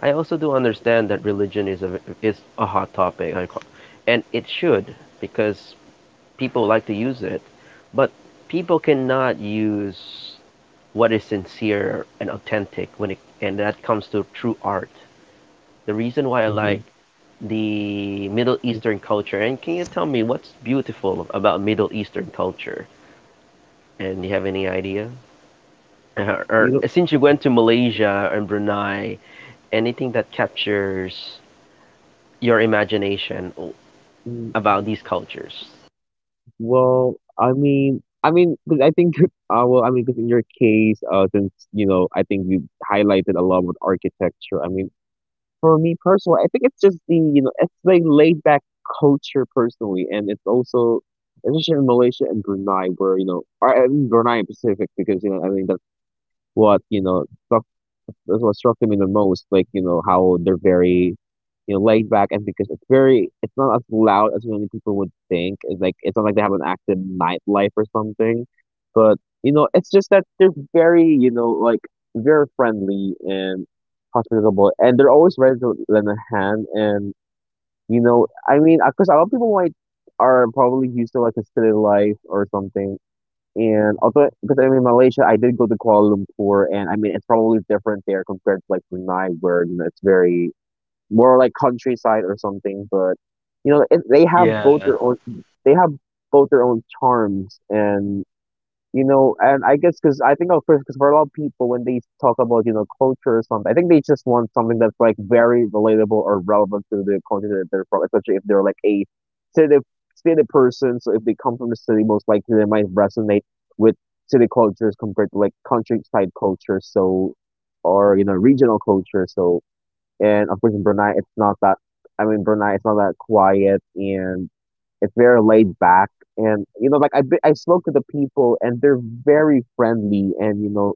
[SPEAKER 1] I also do understand that religion is a hot topic, and it should, because people like to use it, but people cannot use what is sincere and authentic when it and that comes to true art. The reason why I like
[SPEAKER 2] Mm-hmm.
[SPEAKER 1] the Middle
[SPEAKER 2] Hmm.
[SPEAKER 1] Eastern culture, and can you tell me what's beautiful about Middle Eastern culture? And you have any idea?
[SPEAKER 2] You
[SPEAKER 1] Or
[SPEAKER 2] know,
[SPEAKER 1] since you went to Malaysia and Brunei, anything that captures your imagination
[SPEAKER 2] mm.
[SPEAKER 1] about these cultures?
[SPEAKER 2] Well, I mean, because I think, well, I mean, because in your case, since, I think you highlighted a lot with architecture. I mean, for me personally, I think it's just the, it's the laid back culture personally, and it's also, especially in Malaysia and Brunei, where, or in Brunei in specific, because, I mean, that's what, that's what struck me the most, like, how they're very, laid back, and because it's very, it's not as loud as many people would think. It's like it's not like they have an active nightlife or something, but, it's just that they're very, like, very friendly and hospitable, and they're always ready to lend a hand. And, I mean, because a lot of people might, are probably used to like a city life or something, and although, because I'm in Malaysia, I did go to Kuala Lumpur, and I mean, it's probably different there compared to like Brunei, where, it's very more like countryside or something. But, it,
[SPEAKER 1] Yeah.
[SPEAKER 2] they have both their own charms, and, and I guess because I think, of course, because for a lot of people, when they talk about, culture or something, I think they just want something that's like very relatable or relevant to the culture that they're from, especially if they're like a city city person. So if they come from the city, most likely they might resonate with city cultures compared to like countryside culture, so, or, regional culture. So, and of course, in Brunei, it's not that. I mean, Brunei, it's not that quiet, and it's very laid back. And like I spoke to the people, and they're very friendly,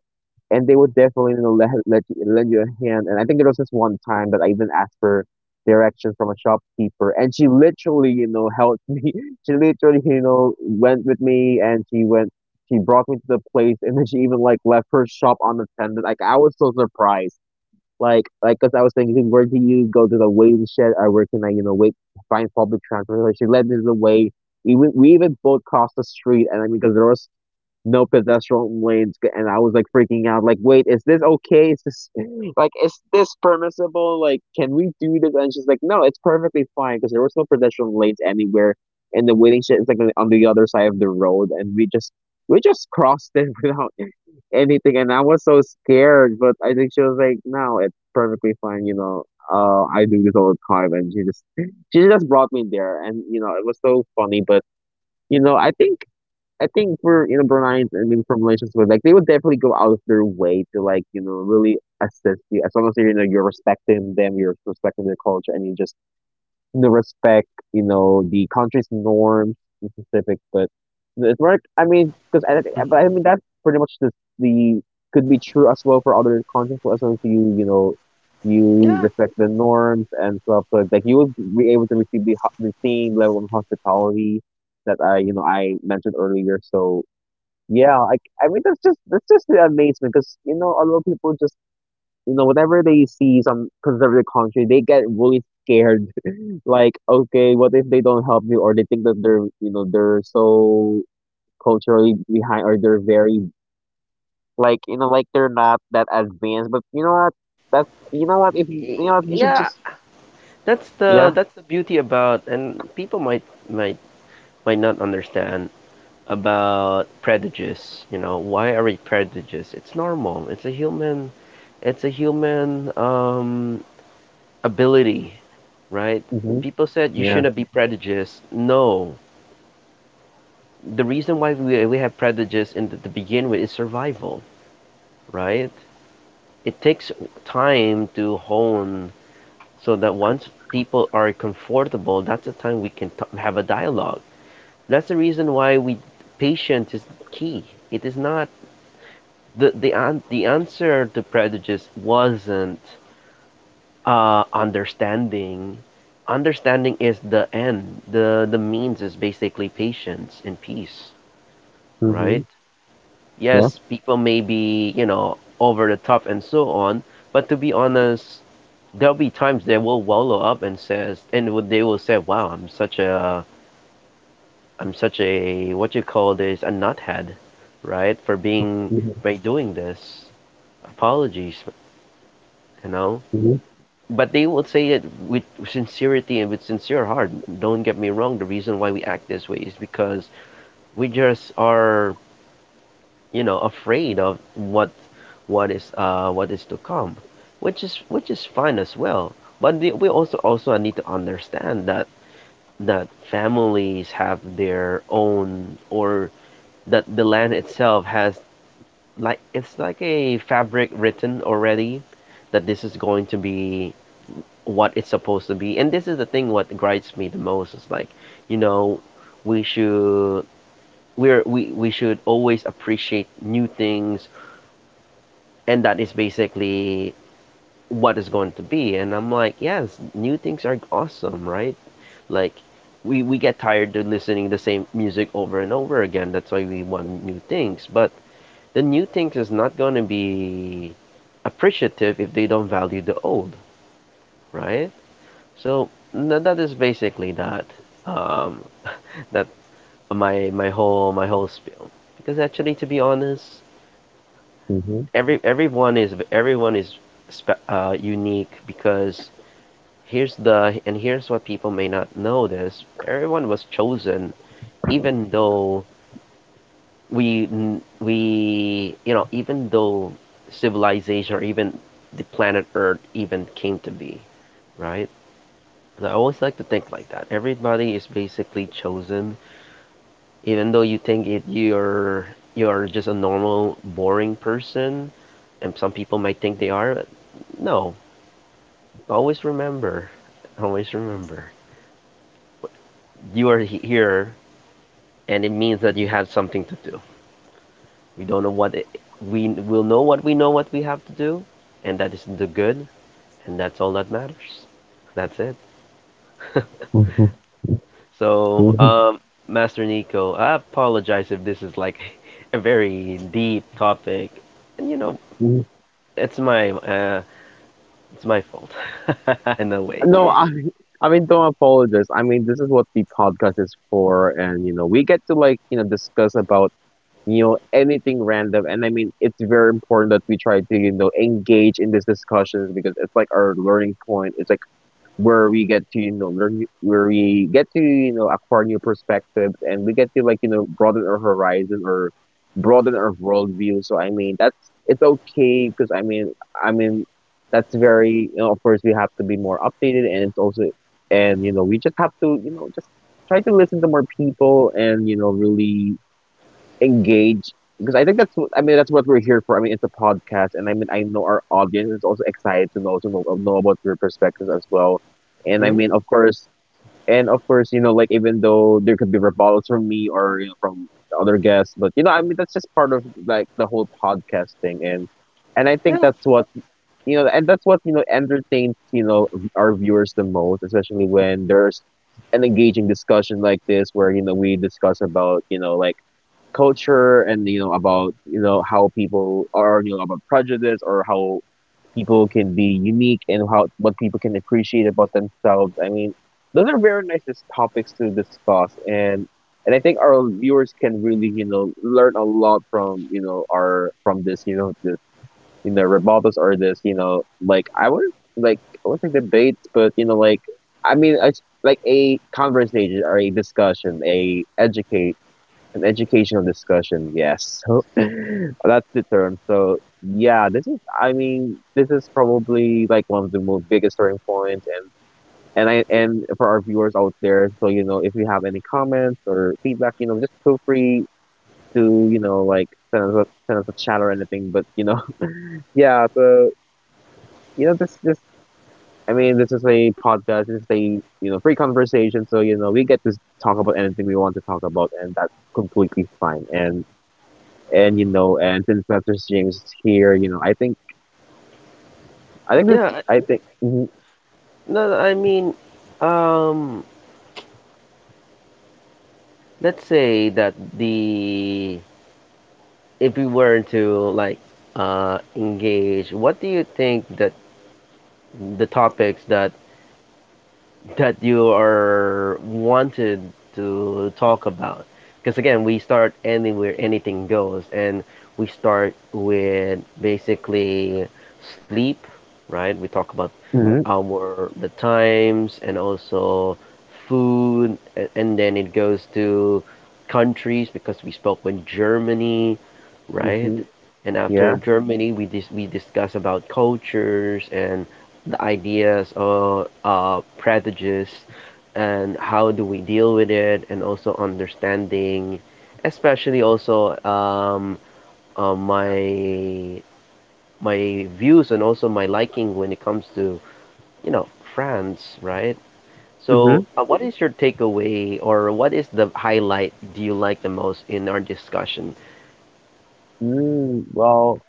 [SPEAKER 2] and they would definitely lend you a hand. And I think there was this one time that I even asked for directions from a shopkeeper, and she literally helped me. She literally went with me, and she went. She brought me to the place, and then she even like left her shop unattended. Like, I was so surprised. Cause I was thinking, where do you go to the waiting shed, or where can I, wait, find public transportation? She led me the way. We even both crossed the street, and I mean, cause there was no pedestrian lanes and I was like, freaking out, like, wait, is this okay, is this like, is this permissible, like, can we do this? And she's like, no, it's perfectly fine, because there was no pedestrian lanes anywhere, and the waiting shed is like on the other side of the road, and we just crossed it without anything. And I was so scared, but I think she was like, no, it's perfectly fine, you know, I do this all the time. And she just brought me there. And it was so funny. But you know i think I think for Bruneians, and maybe from Malaysians, but like they would definitely go out of their way to, like, really assist you, as long as you're respecting them, you're respecting their culture, and you just the respect, the country's norms in specific. But it's work. I mean,
[SPEAKER 1] Mhm.
[SPEAKER 2] but I mean that's pretty much the the could be true as well for other countries, as long as you
[SPEAKER 1] Yeah.
[SPEAKER 2] respect the norms and stuff. So like you will be able to receive the the same level of hospitality that I you know I mentioned earlier. So yeah, like I mean that's just the amazement, because a lot of people just, whenever they see some conservative country, they get really scared, like, okay, what if they don't help you, or they think that they're, they're so culturally behind, or they're very, like, like, they're not that advanced. But you know what, that you know what, if you, you know what you should
[SPEAKER 1] Yeah,
[SPEAKER 2] just,
[SPEAKER 1] that's
[SPEAKER 2] yeah,
[SPEAKER 1] the beauty about, and people might might might not understand about prejudice. You know, why are we prejudiced? It's normal. It's a human, it's a human ability, right?
[SPEAKER 2] mm-hmm.
[SPEAKER 1] People said you
[SPEAKER 2] Yeah,
[SPEAKER 1] shouldn't be prejudiced. No, the reason why we have prejudice in the, to begin with, is survival, right? It takes time to hone, so that once people are comfortable, that's the time have a dialogue. That's the reason why we, patience is key. It is not the answer to prejudice wasn't understanding. Understanding is the end, the means is basically patience and peace,
[SPEAKER 2] mm-hmm.
[SPEAKER 1] right?
[SPEAKER 2] Yeah,
[SPEAKER 1] Yes, people may be, you know, over the top and so on, but to be honest, there'll be times they will wallow up and says and they will say, wow, I'm such a, what you call this, a nuthead, right? For being,
[SPEAKER 2] mm-hmm.
[SPEAKER 1] by doing this. Apologies, you know.
[SPEAKER 2] Mm-hmm.
[SPEAKER 1] But they will say it with sincerity and with sincere heart. Don't get me wrong. The reason why we act this way is because we just are, you know, afraid of what is to come, which is fine as well. But we also need to understand that that families have their own, or that the land itself has, like it's like a fabric written already, that this is going to be what it's supposed to be. And this is the thing, what grinds me the most is like, you know, we should, we should always appreciate new things, and that is basically what is going to be. And I'm like, yes, new things are awesome, right? Like, we get tired of listening to the same music over and over again. That's why we want new things, but the new things is not going to be appreciative if they don't value the old, right? So that is basically that, um, that my whole spiel. Because actually, to be honest,
[SPEAKER 2] Mm-hmm.
[SPEAKER 1] everyone is, everyone is unique. Because here's the and here's what people may not know: this, everyone was chosen, even though we we you know, even though civilization or even the planet earth even came to be, right? So I always like to think like that everybody is basically chosen. Even though you think it, you're just a normal boring person, and some people might think they are, but no, always remember, always remember, you are here, and it means that you have something to do. We don't know what it, We will know what we have to do, and that is the good, and that's all that matters. That's it.
[SPEAKER 2] Mm-hmm.
[SPEAKER 1] So,
[SPEAKER 2] Mhm.
[SPEAKER 1] Master Nico, I apologize if this is like a very deep topic, and you know, it's my uh, it's my fault in a way.
[SPEAKER 2] No, I mean, don't apologize. I mean, this is what the podcast is for, and we get to, like, discuss about, anything random. And I mean, it's very important that we try to, engage in these discussions, because it's like our learning point. It's like where we get to, where we get to, acquire new perspectives, and we get to, like, broaden our horizon or broaden our worldview. So, I mean, it's okay, because I mean, that's very, of course, we have to be more updated, and it's also, and, we just have to, just try to listen to more people, and, really engage, because I think I mean that's what we're here for. I mean it's a podcast, and I mean I know our audience is also excited to know know about your perspectives as well. And I
[SPEAKER 1] Hmm.
[SPEAKER 2] mean of course, and of course, like, even though there could be rebuttals from me, or, from the other guests, but I mean that's just part of like the whole podcast thing, and I think
[SPEAKER 1] Yeah,
[SPEAKER 2] that's what, and that's what entertains, our viewers the most, especially when there's an engaging discussion like this, where we discuss about, like, culture, and about, how people are, about prejudice, or how people can be unique, and how what people can appreciate about themselves. I mean, those are very nice topics to discuss. And I think our viewers can really, learn a lot from, our from this, this, rebuttals, or this, like, I would like I would say debates, but like, I mean it's like a conversation or a discussion, a educate an educational discussion, yes. So that's the term. So yeah, this is probably like one of the most biggest turning points. And I and for our viewers out there, so, if you have any comments or feedback, just feel free to, like, send us a chat or anything. But yeah, so, this just I mean, this is a podcast, this is a, free conversation. So, we get to talk about anything we want to talk about, and that's completely fine. And and since Mr. James is here, I think this
[SPEAKER 1] yeah.
[SPEAKER 2] I think
[SPEAKER 1] No, I mean, um, let's say that the if we were to like engage, what do you think that the topics that that you are wanted to talk about? Because again, we start anywhere, anything goes. And we start with basically sleep, right? We talk about
[SPEAKER 2] hmm
[SPEAKER 1] our the times, and also food, and then it goes to countries, because we spoke with Germany, right?
[SPEAKER 2] hmm
[SPEAKER 1] And after
[SPEAKER 2] yeah
[SPEAKER 1] Germany, we discuss about cultures and the ideas or prejudice, and how do we deal with it, and also understanding, especially also my views and also my liking when it comes to, you know, France, right? So,
[SPEAKER 2] hmm
[SPEAKER 1] what is your takeaway, or what is the highlight do you like the most in our discussion?
[SPEAKER 2] well,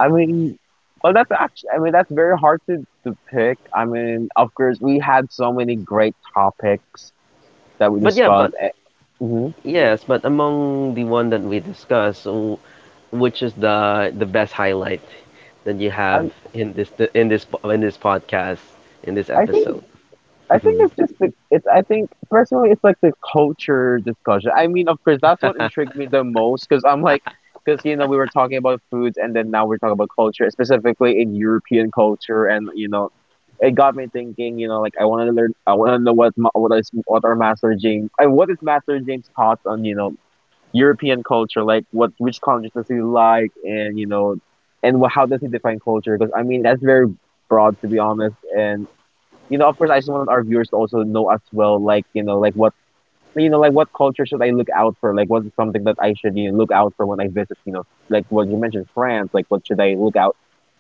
[SPEAKER 2] I mean, well, that's actually, I mean, that's very hard to pick. I mean, of course, we had so many great topics that we
[SPEAKER 1] But yeah,
[SPEAKER 2] discussed.
[SPEAKER 1] but
[SPEAKER 2] mm
[SPEAKER 1] Yes, but among the one that we discussed, which is the best highlight that you
[SPEAKER 2] I
[SPEAKER 1] have in this, in this podcast, in this
[SPEAKER 2] I think
[SPEAKER 1] episode?
[SPEAKER 2] I think
[SPEAKER 1] Hmm.
[SPEAKER 2] it's just the it's I think personally, it's like the culture discussion. I mean, of course, that's what intrigued me the most, because I'm like, because we were talking about foods, and then now we're talking about culture, specifically in European culture, and, it got me thinking. You know, like, I want to learn, I want to know, what are Master James, and what is Master James' thoughts on, European culture, like, what which countries does he like, and, how does he define culture? Because I mean that's very broad, to be honest. And of course, I just wanted our viewers to also know as well, like, like, what, like, what culture should I look out for? Like, what's something that I should, look out for when I visit? You know, like what you mentioned, France. Like, what should I look out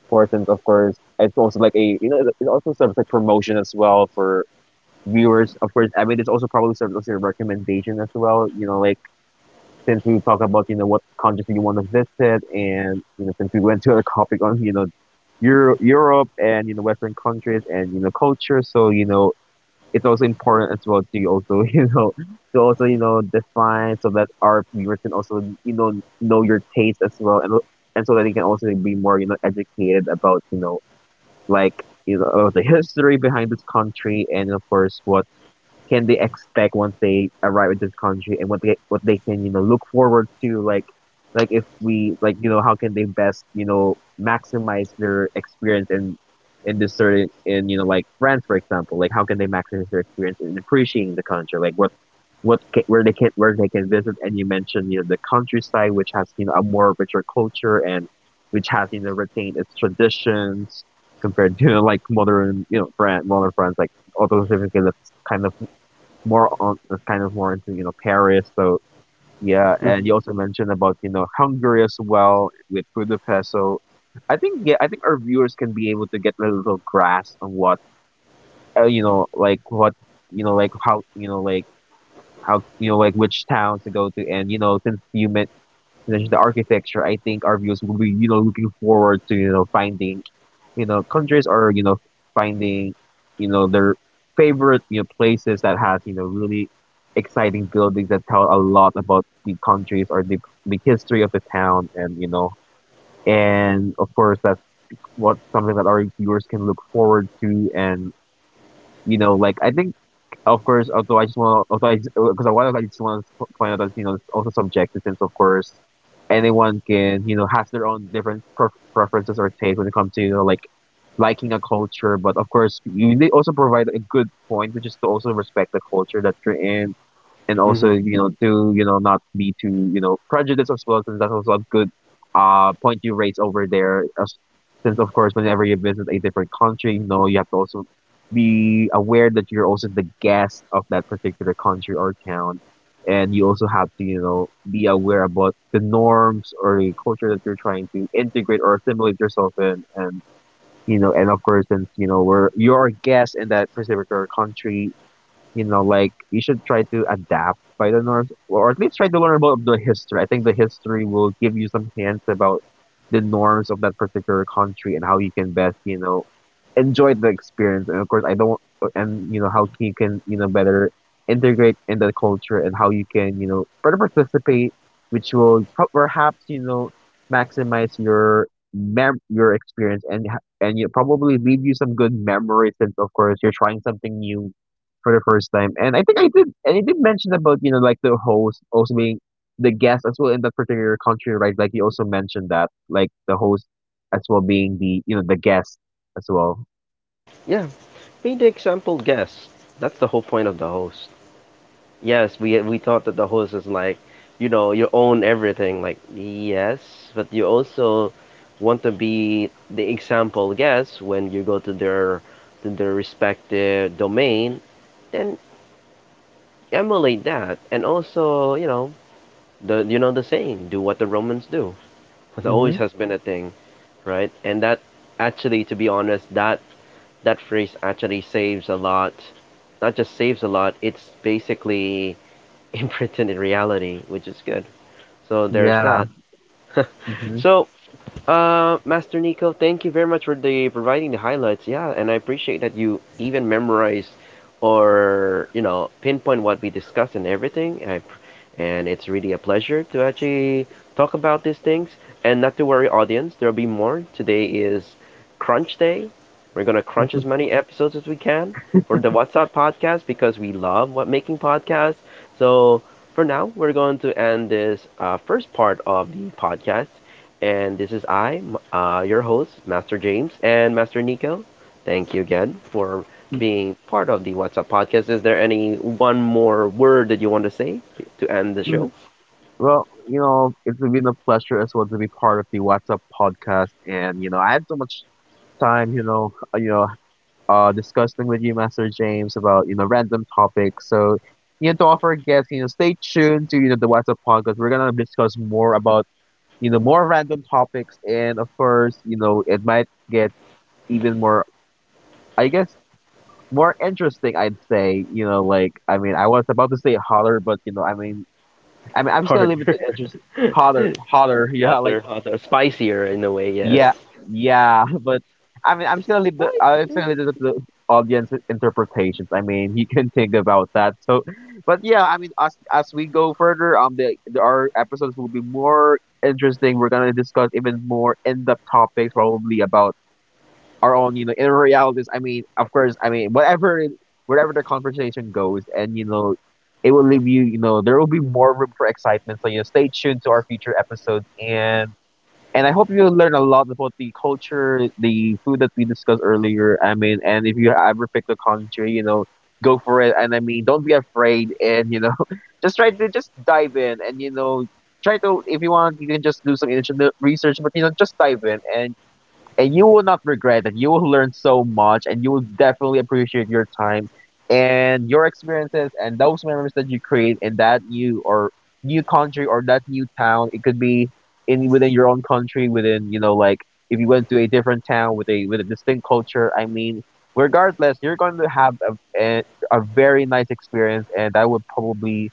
[SPEAKER 2] for? Since of course, it's also like a, it also serves like promotion as well for viewers. Of course, I mean, it's also probably serves as a recommendation as well. You know, like, since we talk about, what countries do you want to visit, and, since we went to a topic on, Europe, and Western countries, and culture. So it's also important as well to also to also, define, so that our viewers can also, know your taste as well, and so that they can also be more, educated about, like, about the history behind this country, and of course, what can they expect once they arrive at this country, and what they can, look forward to, like if we, like, how can they best, maximize their experience in this certain in like, France, for example. Like, how can they maximize their experience in appreciating the country, like what ca where they can, visit. And you mentioned, the countryside, which has, a more richer culture, and which has, retained its traditions, compared to like modern, France modern France, like, although that's kind of more on, kind of more into, Paris. So yeah, and
[SPEAKER 1] Hmm.
[SPEAKER 2] you also mentioned about, Hungary as well, with Budapest. So I think our viewers can be able to get a little grasp on what you know like what you know like how you know like how you know like which town to go to, and you know since mentioned the architecture, I think our viewers will be you know looking forward to you know finding you know countries are you know finding you know their favorite you know places that has you know really exciting buildings that tell a lot about the countries or the history of the town, and you know and of course that's what something that our viewers can look forward to. And you know like I think of course, although I just want, to, although I, because I want, to, I just want to point out that you know it's also subjective, since of course anyone can you know has their own different preferences or taste when it comes to you know like liking a culture. But of course, you they also provide a good point, which is to also respect the culture that you're in, and also
[SPEAKER 1] Hmm.
[SPEAKER 2] you know to you know not be too you know prejudiced as well, since that's also a good point you raised over there. As, since of course whenever you visit a different country, you know you have to also be aware that you're also the guest of that particular country or town, and you also have to you know be aware about the norms or the culture that you're trying to integrate or assimilate yourself in. And you know and of course since you know we're you're a guest in that particular country, you know, like you should try to adapt by the Norse, or at least try to learn about the history. I think the history will give you some hints about the norms of that particular country and how you can best, you know, enjoy the experience. And of course, I don't, and you know, how you can, you know, better integrate in the culture, and how you can, you know, better participate, which will perhaps, you know, maximize your mem your experience, and you probably leave you some good memories, since of course you're trying something new for the first time. And I think I did and I did mention about, you know, like the host also being the guest as well in that particular country, right? Like you also mentioned that, like the host as well being the, you know, the guest as well.
[SPEAKER 1] Yeah, be the example guest. That's the whole point of the host. Yes, we thought that the host is like, you know, you own everything. Like, yes, but you also want to be the example guest when you go to their, to their respective domain, then emulate that. And also, you know, the saying, do what the Romans do. That always
[SPEAKER 2] Mm-hmm.
[SPEAKER 1] has been a thing, right? And that, actually, to be honest, that phrase actually saves a lot. Not just saves a lot, it's basically in pretended reality, which is good. So there's
[SPEAKER 2] Yeah.
[SPEAKER 1] that.
[SPEAKER 2] Mm-hmm.
[SPEAKER 1] So Master Nico, thank you very much for the providing the highlights. Yeah, and I appreciate that you even memorized, or you know, pinpoint what we discussed and everything. And it's really a pleasure to actually talk about these things. And not to worry, audience, there'll be more. Today is crunch day. We're gonna crunch as many episodes as we can for the WhatsApp podcast because we love what making podcasts. So for now, we're going to end this first part of the podcast. And this is your host, Master James and Master Nico. Thank you again for being part of the What's Up podcast. Is there any one more word that you want to say to end the
[SPEAKER 2] Mm,
[SPEAKER 1] show?
[SPEAKER 2] well, you know, it's been a pleasure as well to be part of the What's Up podcast, and you know, I had so much time, you know, discussing with you, Master James, about you know random topics. So, you know, to offer guests, you know, stay tuned to you know the WhatsApp podcast. We're gonna discuss more about you know more random topics, and of course, you know, it might get even more, I guess, more interesting. I'd say, you know, like I mean, I was about to say holler, but you know, I'm just gonna
[SPEAKER 1] Harder,
[SPEAKER 2] leave it to interest. Holler, holler, yeah, like
[SPEAKER 1] hotter, hotter, spicier in a way, yes.
[SPEAKER 2] yeah, yeah, but I'm just gonna
[SPEAKER 1] Spicy.
[SPEAKER 2] leave it to the audience interpretations. I mean, he can think about that. So, but yeah, I mean, as we go further, the our episodes will be more interesting. We're gonna discuss even more in depth topics, probably about our own, you know, inner realities. I mean, of course, I mean, wherever the conversation goes, and you know, it will leave you, you know, there will be more room for excitement. So, you know, stay tuned to our future episodes and. And I hope you learn a lot about the culture, the food that we discussed earlier. I mean, and if you ever pick a country, you know, go for it. And I mean, don't be afraid. And you know, just try to just dive in. And you know, try to if you want, you can just do some initial research. But you know, just dive in and you will not regret it. You will learn so much, and you will definitely appreciate your time and your experiences and those memories that you create in that new country or that new town. It could be in within your own country, within you know, like if you went to a different town with a distinct culture. I mean, regardless, you're going to have a very nice experience, and that would probably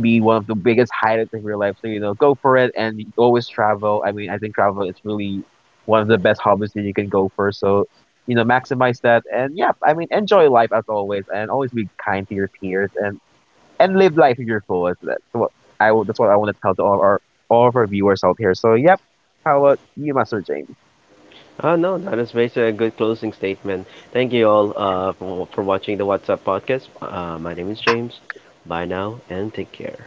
[SPEAKER 2] be one of the biggest highlights of your life. So, you know, go for it and always travel. I mean, I think travel is really one of the best hobbies that you can go for. So, you know, maximize that. And yeah, I mean, enjoy life as always and always be kind to your peers, and live life to your fullest. That's what that's what I want to tell to all our, all of our viewers out here. So, yep. How about you, Master James?
[SPEAKER 1] Ah, no, that is basically a good closing statement. Thank you all for watching the What's Up podcast. My name is James. Bye now and take care.